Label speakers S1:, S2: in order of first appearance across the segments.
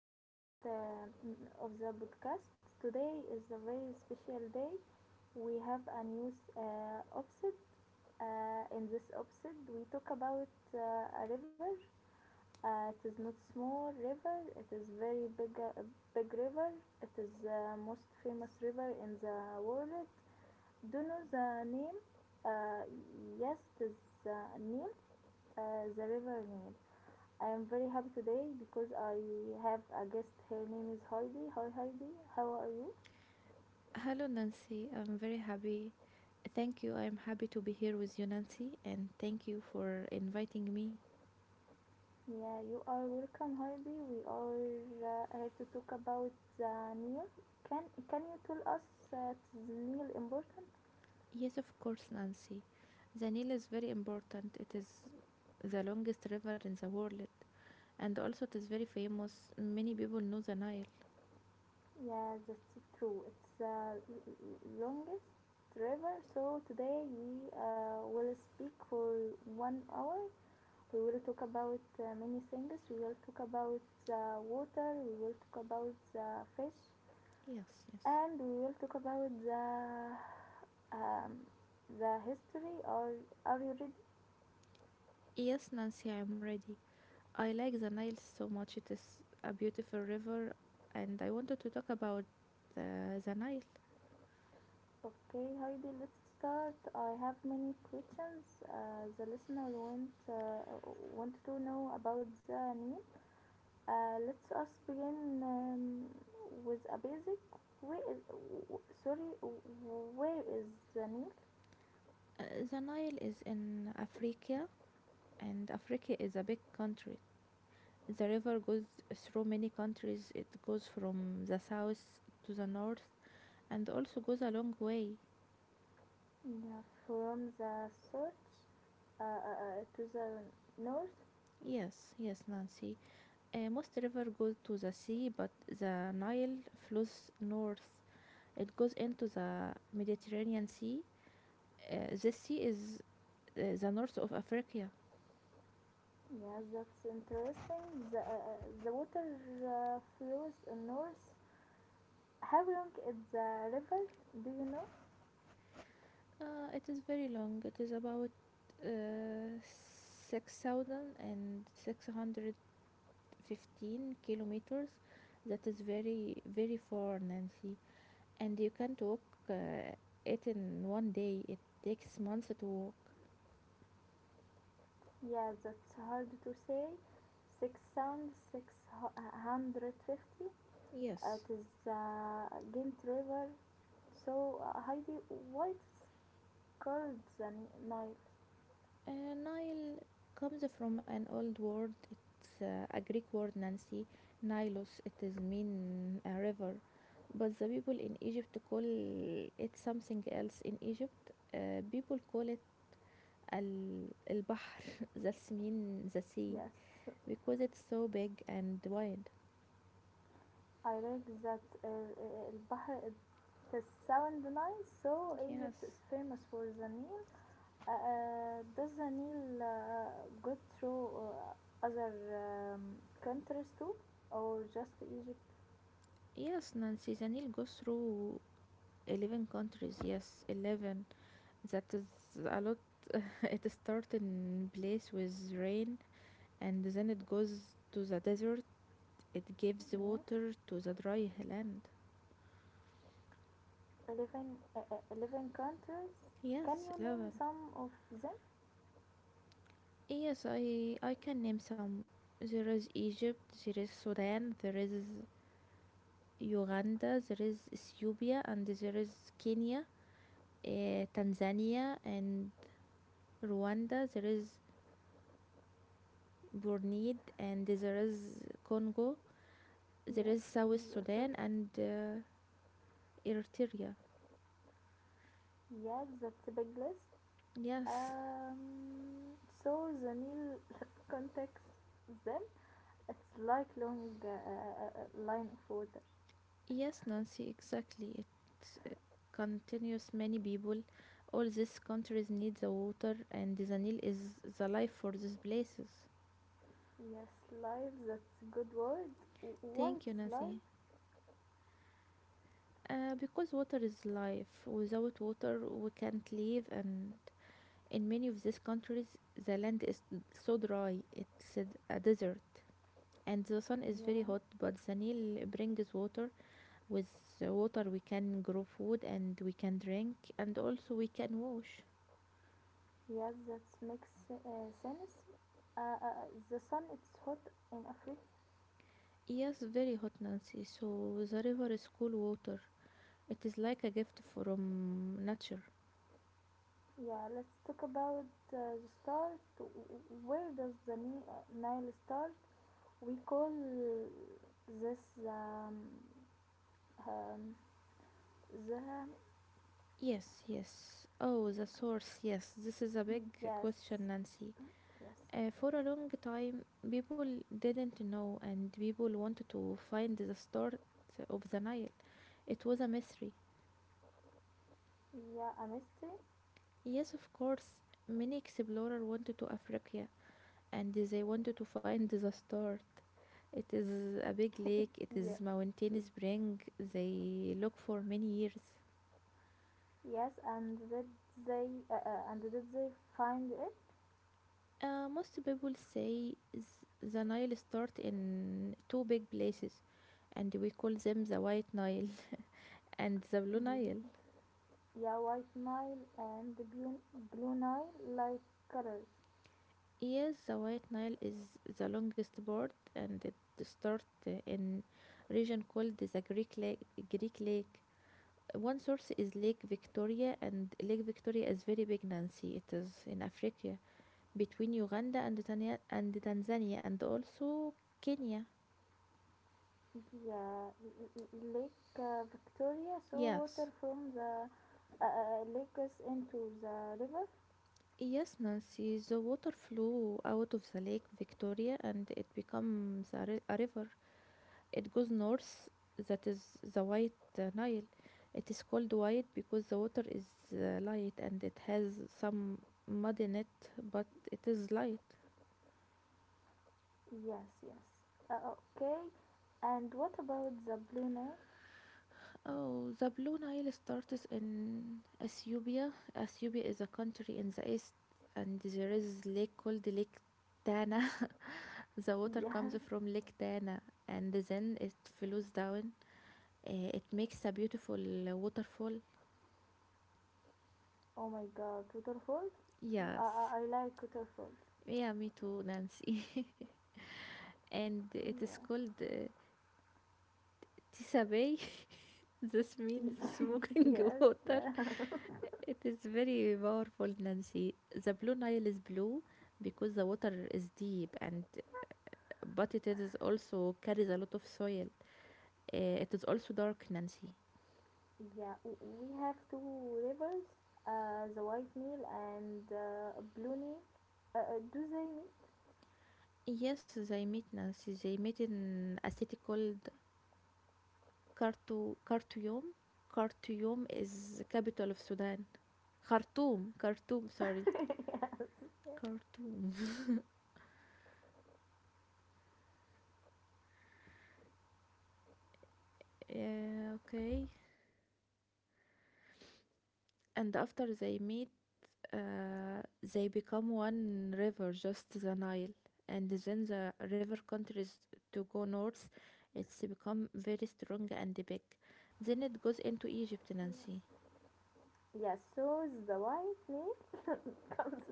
S1: I am the host of the podcast. Today is a very special day. We have a new episode. In this episode, we talk about a river. It is not small river. It is very big, big river. It is the most famous river in the world. Do you know the name? Uh, yes, it is the name. The river name. I am very happy today because I have a guest. Her name is Heidi. Hi, Heidi. How are you?
S2: Hello, Nancy. I'm very happy. Thank you. I'm happy to be here with you, Nancy, and thank you for inviting me.
S1: Yeah, you are welcome, Heidi. We are here to talk about the Nile. Can Can you tell us that the Nile important?
S2: Yes, of course, Nancy. The Nile is very important. It is the longest river in the world, and also it is very famous. Many people know the Nile.
S1: Yeah, that's true. It's the longest river. So today we will speak for 1 hour. We will talk about many things. We will talk about the water. We will talk about the fish.
S2: Yes, yes.
S1: And we will talk about um, the history or are you ready?
S2: Yes, Nancy, I'm ready. I like the Nile so much. It is a beautiful river, and I wanted to talk about the Nile.
S1: Okay, Heidi, let's start. I have many questions. The listener want want to know about the Nile. Let's us begin with a basic. Where is where is the Nile?
S2: Uh, the Nile is in Africa, and Africa is a big country. The river goes through many countries. It goes from the south to the north, and also goes a long way.
S1: Yeah, from the south to the north.
S2: Yes, yes, Nancy. Most river goes to the sea, but the Nile flows north. It goes into the Mediterranean Sea. This sea is the north of Africa.
S1: Yes, that's interesting. The water flows north. How long is the river? Do you know?
S2: It is very long. It is about uh, 6,600 15 kilometers. That is very, very far, Nancy. And you can't walk uh, it in one day. It takes months to walk.
S1: Yeah, that's hard to say. 6,650.
S2: Yes.
S1: It is the Ghent River. So, Heidi, why it's called the Nile?
S2: Nile comes from an old word. It's a Greek word, Nancy. Nilos, it is mean a river. But the people in Egypt call it something else. In Egypt, people call it al البحر that's mean the sea,
S1: Yes,
S2: because it's so big and wide.
S1: I read that البحر it does sound nice. So Egypt is
S2: Yes,
S1: famous for the Nile. Does the Nile go through other countries too, or just Egypt?
S2: yes, Nancy. Janil goes through 11 countries. Yes, 11. That is a lot. It starts in place with rain, and then it goes to the desert. It gives
S1: Yes,
S2: water to the dry land.
S1: 11, 11 countries. Can
S2: Yes,
S1: you name
S2: 11.
S1: some of them?
S2: Yes, I can name some. There is Egypt, there is Sudan, there is Uganda, there is Ethiopia, and there is Kenya, Tanzania, and Rwanda, there is Borneo, and there is Congo, there
S1: Yes,
S2: is South
S1: that's a,
S2: Sudan, and Eritrea.
S1: yes, that's a big list.
S2: Yes,
S1: So the Nile contacts them. It's like long line of water.
S2: yes, Nancy, exactly. It continues many people. All these countries need the water, and the Nile is the life for these places.
S1: Yes, life. That's a good word. Why
S2: Thank
S1: it
S2: you,
S1: is
S2: Nancy.
S1: life?
S2: Because water is life. Without water, we can't live, and in many of these countries, the land is so dry, it's a desert. And the sun is very
S1: Yeah.
S2: hot, but the Nile brings water. With water we can grow food and we can drink, and also we can wash.
S1: Yes, that makes sense. The sun it's hot in Africa.
S2: Yes, very hot, Nancy. So the river is cool water. It is like a gift from nature.
S1: Yeah, let's talk about the start. Where does the Nile start? We call this um, um, the
S2: Yes, yes. Oh, the source, yes, this is a big
S1: yes,
S2: question, Nancy.
S1: yes,
S2: For a long time people didn't know, and people wanted to find the start of the Nile. It was a mystery.
S1: yeah, a mystery.
S2: Yes, of course. Many explorers wanted to Africa, and they wanted to find the start. It is a big lake, it
S1: Yes,
S2: is mountain spring. They look for many years.
S1: yes, and did they uh, uh, and did they find
S2: Most people say the Nile start in two big places, and we call them the White Nile and the Blue Nile.
S1: it? Yeah, white Nile and the blue Nile like colors.
S2: Yes, the White Nile is the longest part, and it start in region called the Greek Lake, Greek Lake. One source is Lake Victoria, and Lake Victoria is very big, Nancy. It is in Africa between Uganda and Tanzania, and also Kenya.
S1: Yeah, Lake Victoria saw
S2: Yes.
S1: water from the lakes into the river.
S2: Yes, Nancy, the water flew out of the Lake Victoria and it becomes a river. It goes north, that is the White Nile. It is called white because the water is light and it has some mud in it, but it is light.
S1: Yes, yes. Okay. And what about the blue Nile?
S2: Oh, the Blue Nile starts in Ethiopia. Ethiopia is a country in the east, and there is lake called Lake Tana. The water comes from
S1: Yes.
S2: Lake Tana, and then it flows down. It makes a beautiful waterfall.
S1: Oh my God, waterfalls.
S2: Yes.
S1: I like waterfalls.
S2: Yeah, me too, Nancy. And it is
S1: Yeah.
S2: called Tisabei, this means smoking
S1: Yes.
S2: water.
S1: Yeah.
S2: It is very powerful, Nancy. The Blue Nile is blue because the water is deep, and but it is also carries a lot of soil. It is also dark, Nancy.
S1: Yeah, we have two rivers, the White Nile and Blue Nile. Do they meet?
S2: Yes, they meet, Nancy. They meet in a city called Khartoum. Khartoum is the capital of Sudan. Khartoum, Khartoum, sorry. Khartoum. Yeah, okay. And after they meet, they become one river, just the Nile. And then the river continues to go north. It's become very strong and big. Then it goes into Egypt, Nancy.
S1: Yes, so the White Nile comes.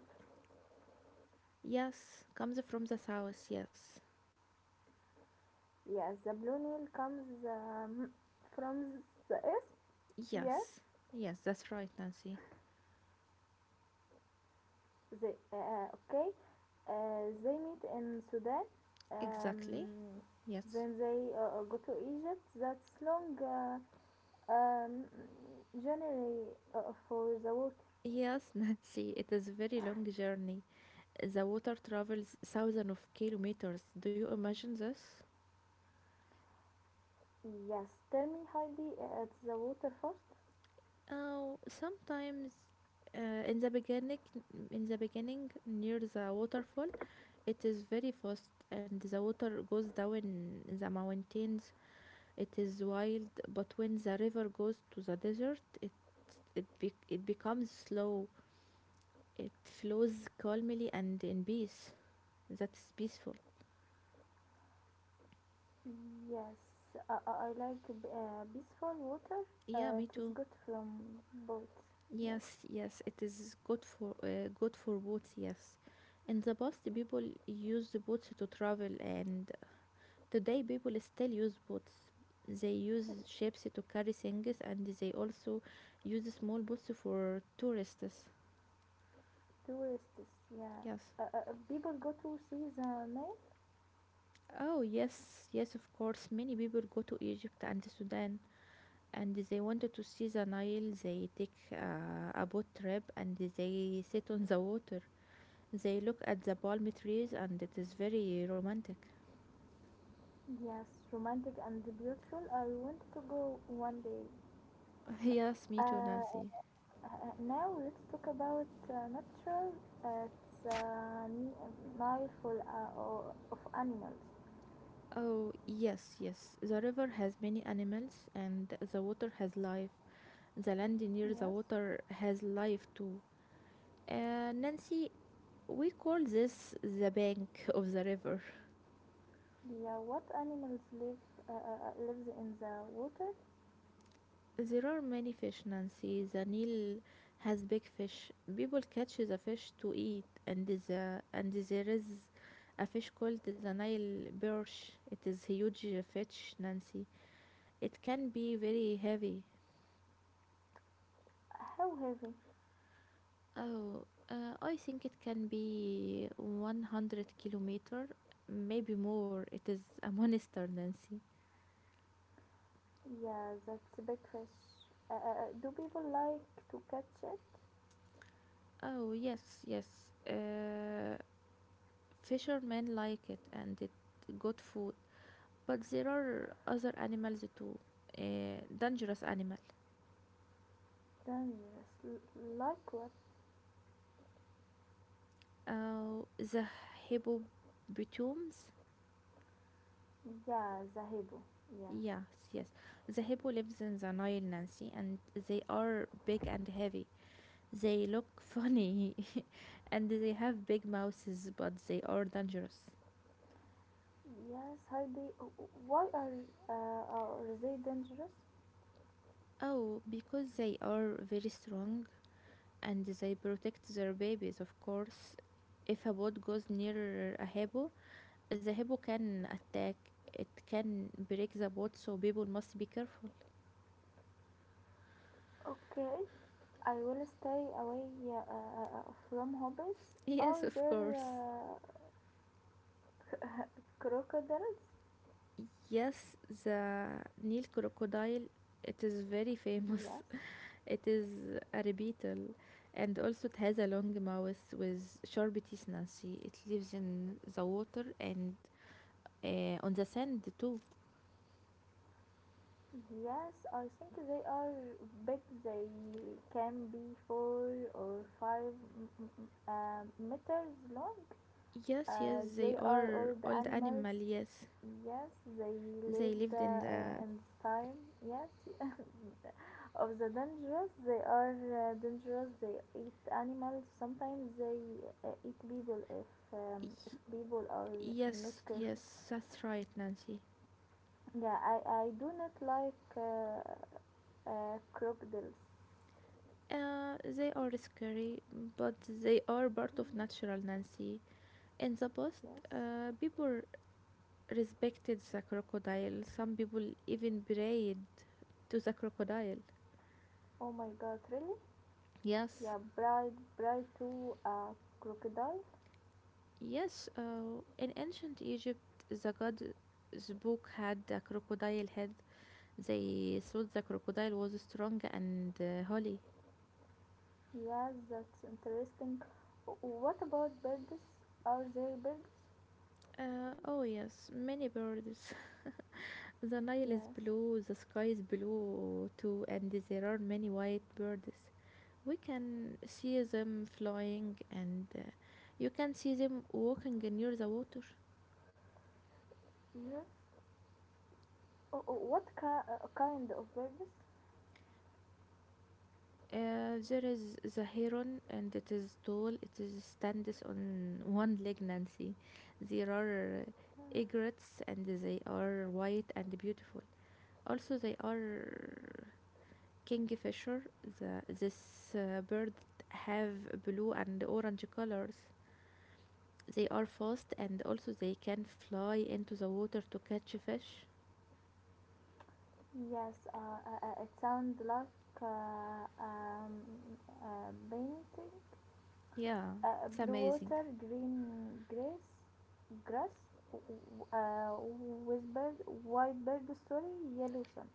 S2: Yes, comes from the south. Yes,
S1: Yes, the Blue Nile comes from the east. Yes,
S2: yes, yes. That's right, Nancy.
S1: they okay. They meet in Sudan.
S2: Exactly.
S1: Um,
S2: Yes.
S1: then they go to Egypt. That's long um, journey for the water.
S2: Yes, Nancy, it is a very long journey. The water travels thousands of kilometers. Do you imagine this?
S1: Yes, tell me, Heidi, it's the water first.
S2: Oh, sometimes uh, in the beginning, in the beginning near the waterfall, it is very fast and the water goes down in the mountains. It is wild, but when the river goes to the desert, it becomes slow. It flows calmly and in peace. That is peaceful.
S1: Yes, I like peaceful water.
S2: Yeah, me
S1: It is
S2: too.
S1: good from boats. Yes,
S2: Yes, yes, it is good for boats. Yes, in the past, people used boats to travel, and today, people still use boats. They use ships to carry things, and they also use small boats for tourists.
S1: tourists. Yeah,
S2: Yes.
S1: people go to see the Nile.
S2: Oh, yes, yes, of course. Many people go to Egypt and Sudan, and they wanted to see the Nile. They take a boat trip and they sit on the water. They look at the palm trees and it is very romantic.
S1: Yes, romantic and beautiful. I want to go one day.
S2: Yes, me too,
S1: Uh,
S2: Nancy.
S1: now let's talk about natural. Uh, it's uh, n- Nile full of animals.
S2: Oh, yes, yes. The river has many animals and the water has life. The land near the
S1: Yes.
S2: water has life too. Nancy, we call this the bank of the river.
S1: Yeah, what animals live lives in the water?
S2: There are many fish, Nancy. The Nile has big fish. People catch the fish to eat, and there is a fish called the Nile perch. It is huge fish, Nancy. It can be very heavy.
S1: How heavy?
S2: Oh, I think it can be 100-kilometer, maybe more. It is a monster, Nancy.
S1: Yeah, that's a big fish. Do people like to catch it?
S2: Oh, yes, yes. Uh, Fishermen like it and it got food. But there are other animals too. Dangerous animal.
S1: Dangerous. Like what?
S2: Oh, the hippopotamus.
S1: Yeah, the hippo. Yeah.
S2: Yes, yes. The hippo lives in the Nile, Nancy, and they are big and heavy. They look funny and they have big mouths, but they are dangerous.
S1: Yes, Heidi. Why are they dangerous?
S2: Oh, because they are very strong, and they protect their babies. Of course, if a boat goes near a hippo, the hippo can attack. It can break the boat, so people must be careful.
S1: Okay, I will stay away yeah, from hobbies. Are
S2: Yes, of
S1: there
S2: course.
S1: crocodiles?
S2: Yes, the Nile crocodile, it is very
S1: Yes.
S2: famous. It is a reptile, and also it has a long mouth with sharp teeth, Nancy. It lives in the water, and on the sand too.
S1: Yes, I think they are big. They can be four or five meters long.
S2: Yes, yes, they
S1: They are
S2: are
S1: old
S2: old
S1: animals.
S2: animal. Yes,
S1: Yes, they
S2: they
S1: lived
S2: lived in the.
S1: in this time. Yes, of the dangerous. They are dangerous. They eat animals. Sometimes they eat people
S2: Y-
S1: if people are not
S2: Yes,
S1: careful.
S2: yes, that's right, Nancy.
S1: Yeah, I do not like crocodiles.
S2: They are scary, but they are part of natural, Nancy. In the past,
S1: Yes.
S2: people respected the crocodile. Some people even prayed to the crocodile.
S1: Oh my god, really?
S2: Yes.
S1: Yeah, bride to a crocodile?
S2: Yes, in ancient Egypt, the god book had a crocodile head. They thought the crocodile was strong and holy.
S1: Yes, that's interesting. What about birds? Are there birds?
S2: Oh, yes, many birds. The Nile is
S1: Yes.
S2: blue, the sky is blue too, and there are many white birds. We can see them flying, and you can see them walking near the water.
S1: Yes. Oh, oh, what kind of birds?
S2: There is the heron, and it is tall. It is stands on one leg, Nancy. There are
S1: Uh,
S2: egrets, and they are white and beautiful. Also, they are Kingfisher. This bird have blue and orange colors. They are fast, and also they can fly into the water to catch fish.
S1: yes, it sounds like a painting.
S2: Yeah,
S1: Uh,
S2: it's
S1: blue
S2: amazing.
S1: water, grass, grass, w- uh, with bird, white bird, sorry, yellow sun.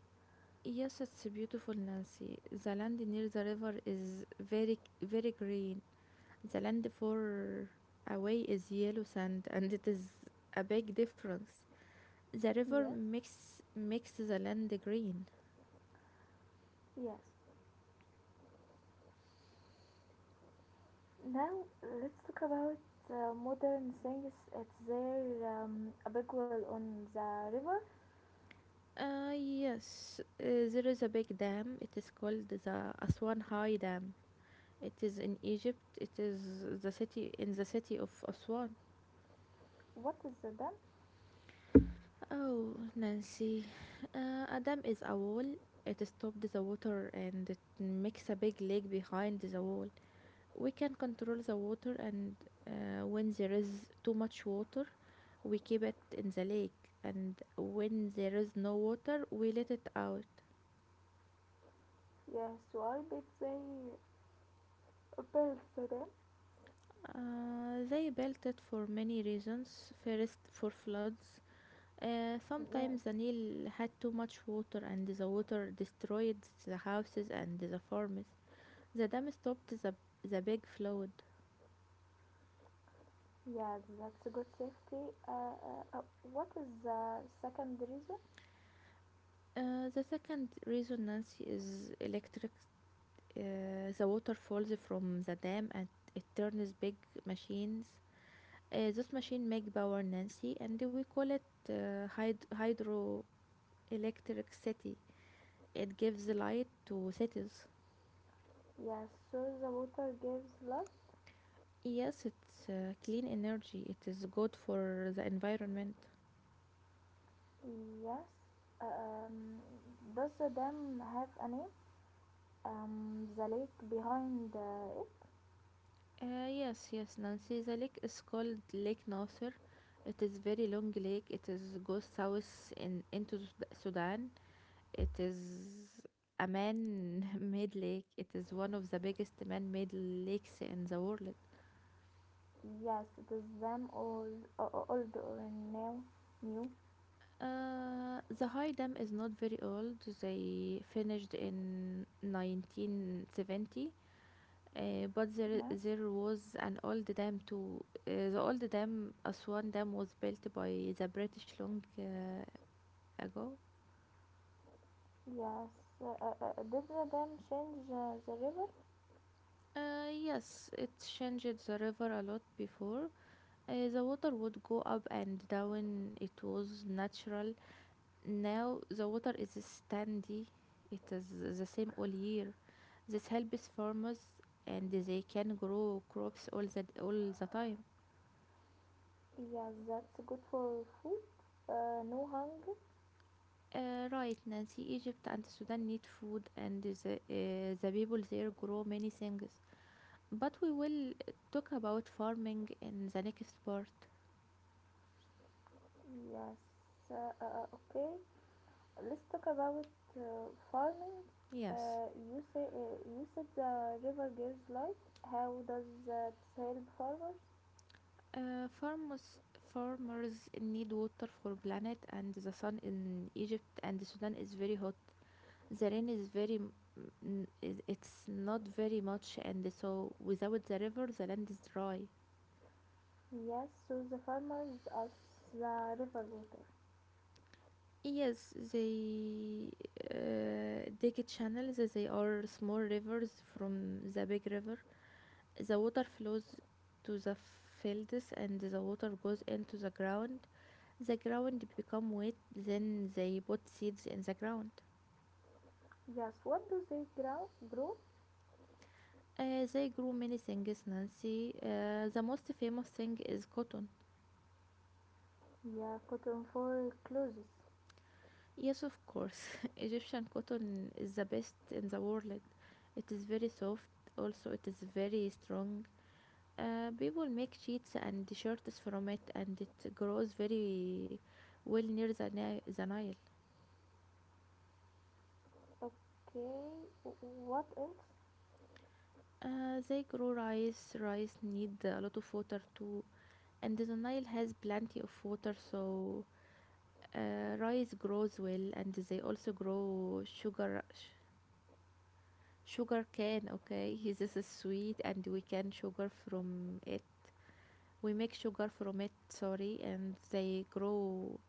S2: Yes, it's beautiful, Nancy. The land near the river is very, very green. The land far away is yellow sand, and it is a big difference. The river
S1: Yes,
S2: makes the land green.
S1: yes. Now let's talk about modern things. It's there a big well on the river.
S2: Yes, there is a big dam. It is called the Aswan High Dam. It is in Egypt. It is the city in the city of Aswan.
S1: What is the dam?
S2: Oh, Nancy, a dam is a wall. It stops the water and it makes a big lake behind the wall. We can control the water, and when there is too much water, we keep it in the lake, and when there is no water, we let it out.
S1: Yes, why did they build the dam?
S2: They built it for many reasons. First, for floods.
S1: Yes.
S2: Sometimes the Nile had too much water, and the water destroyed the houses and the farms. The dam stopped the big flood.
S1: Yes, that's a good safety. Uh, uh, uh, what is the second reason?
S2: The second reason, Nancy, is electric. The water falls from the dam, and it turns big machines. Those machines make power, Nancy, and we call it hydroelectric city. It gives light to cities.
S1: Yes, so the water gives life.
S2: Yes, it's clean energy. It is good for the environment.
S1: Yes, um, does them have a name? The lake behind it?
S2: Yes, yes, Nancy. The lake is called Lake Nasser. It is very long lake. It is goes south in into Sudan. It is a man-made lake. It is one of the biggest man-made lakes in the world.
S1: Yes, it is them old or new.
S2: The high dam is not very old. They finished in 1970. But there,
S1: Yes,
S2: there was an old dam too. The old dam, Aswan Dam, was built by the British long ago.
S1: yes. Did the dam change the river?
S2: Yes, it changed the river a lot before. The water would go up and down. It was natural. Now the water is steady. It is the same all year. This helps farmers, and they can grow crops all the time.
S1: Yes, that's good for food. No hunger.
S2: Right, Nancy. Egypt and Sudan need food, and the people there grow many things. But we will talk about farming in the next part.
S1: Yes. Uh, uh, uh, okay. Let's talk about farming.
S2: Yes.
S1: You said the river gives life. How does that help farmers?
S2: Uh, farmers farmers need water for planet, and the sun in Egypt and Sudan is very hot. The rain is it's not very much, and so without the river, the land is dry.
S1: Yes, so the farmers as the river water.
S2: Yes, they dig channels. They are small rivers from the big river. The water flows to the fields and the water goes into the ground. The ground become wet. Then they put seeds in the ground.
S1: Yes, what do they Grow?
S2: They grow many things, Nancy. The most famous thing is cotton.
S1: Yeah, cotton for clothes.
S2: Yes, of course. Egyptian cotton is the best in the world. It is very soft. Also, it is very strong. People make sheets and shirts from it, and it grows very well near the Nile.
S1: Okay, what else?
S2: They grow rice. Rice need a lot of water too, and the Nile has plenty of water, so rice grows well. And they also grow sugar, sugar cane. Okay, this is sweet, and we can sugar from it. We make sugar from it, sorry. And they grow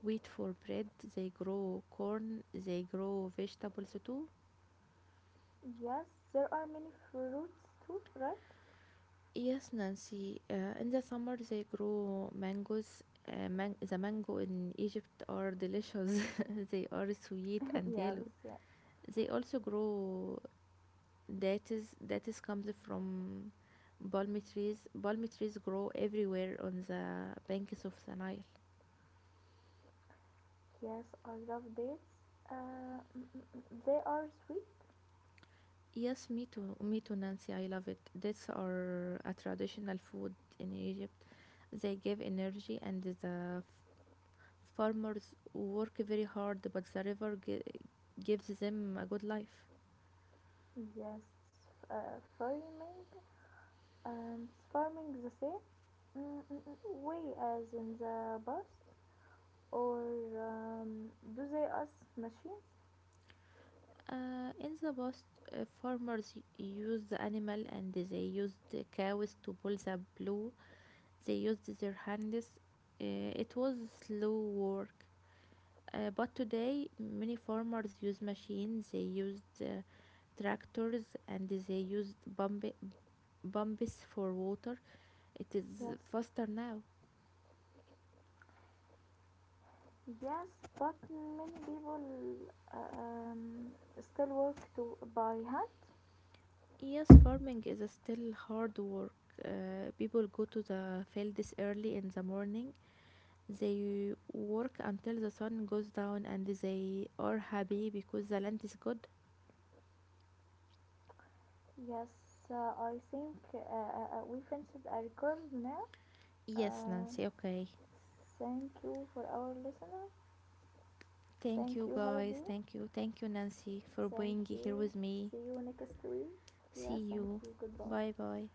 S2: wheat for bread. They grow corn. They grow vegetables too.
S1: Yes, there are many fruits too, right?
S2: Yes, Nancy. In the summer they grow mangoes. The mango in Egypt are delicious. They are sweet and
S1: Yes,
S2: yellow.
S1: yeah.
S2: They also grow dates. Dates comes from palm trees. Palm trees grow everywhere on the banks of the Nile.
S1: Yes, I love dates. Uh, they are sweet.
S2: Yes, me too. Me too, Nancy. I love it. Dates are a traditional food in Egypt. They give energy, and the farmers work very hard, but the river gives them a good life.
S1: Yes, uh, farming and farming the same way as in the past, or um, do they use machines?
S2: In the past, farmers used the animal and they used the cows to pull the blue. They used their hands. It was slow work. But today, many farmers use machines. They use tractors and they used bumps for water. It is
S1: Yes,
S2: faster now.
S1: yes, but many people uh, um, still work to by hand.
S2: Yes, farming is a still hard work. People go to the fields early in the morning. They work until the sun goes down and they are happy because the land is good.
S1: Yes, I think we finished a record now.
S2: Yes,
S1: Uh,
S2: Nancy, okay.
S1: thank you for our listener.
S2: Thank
S1: Thank
S2: you,
S1: you,
S2: guys.
S1: Heidi.
S2: Thank you. Thank you, Nancy, for
S1: Thank
S2: being here
S1: you.
S2: with me.
S1: See you next week.
S2: See
S1: Yeah, thank
S2: you.
S1: you. Goodbye.
S2: Bye bye.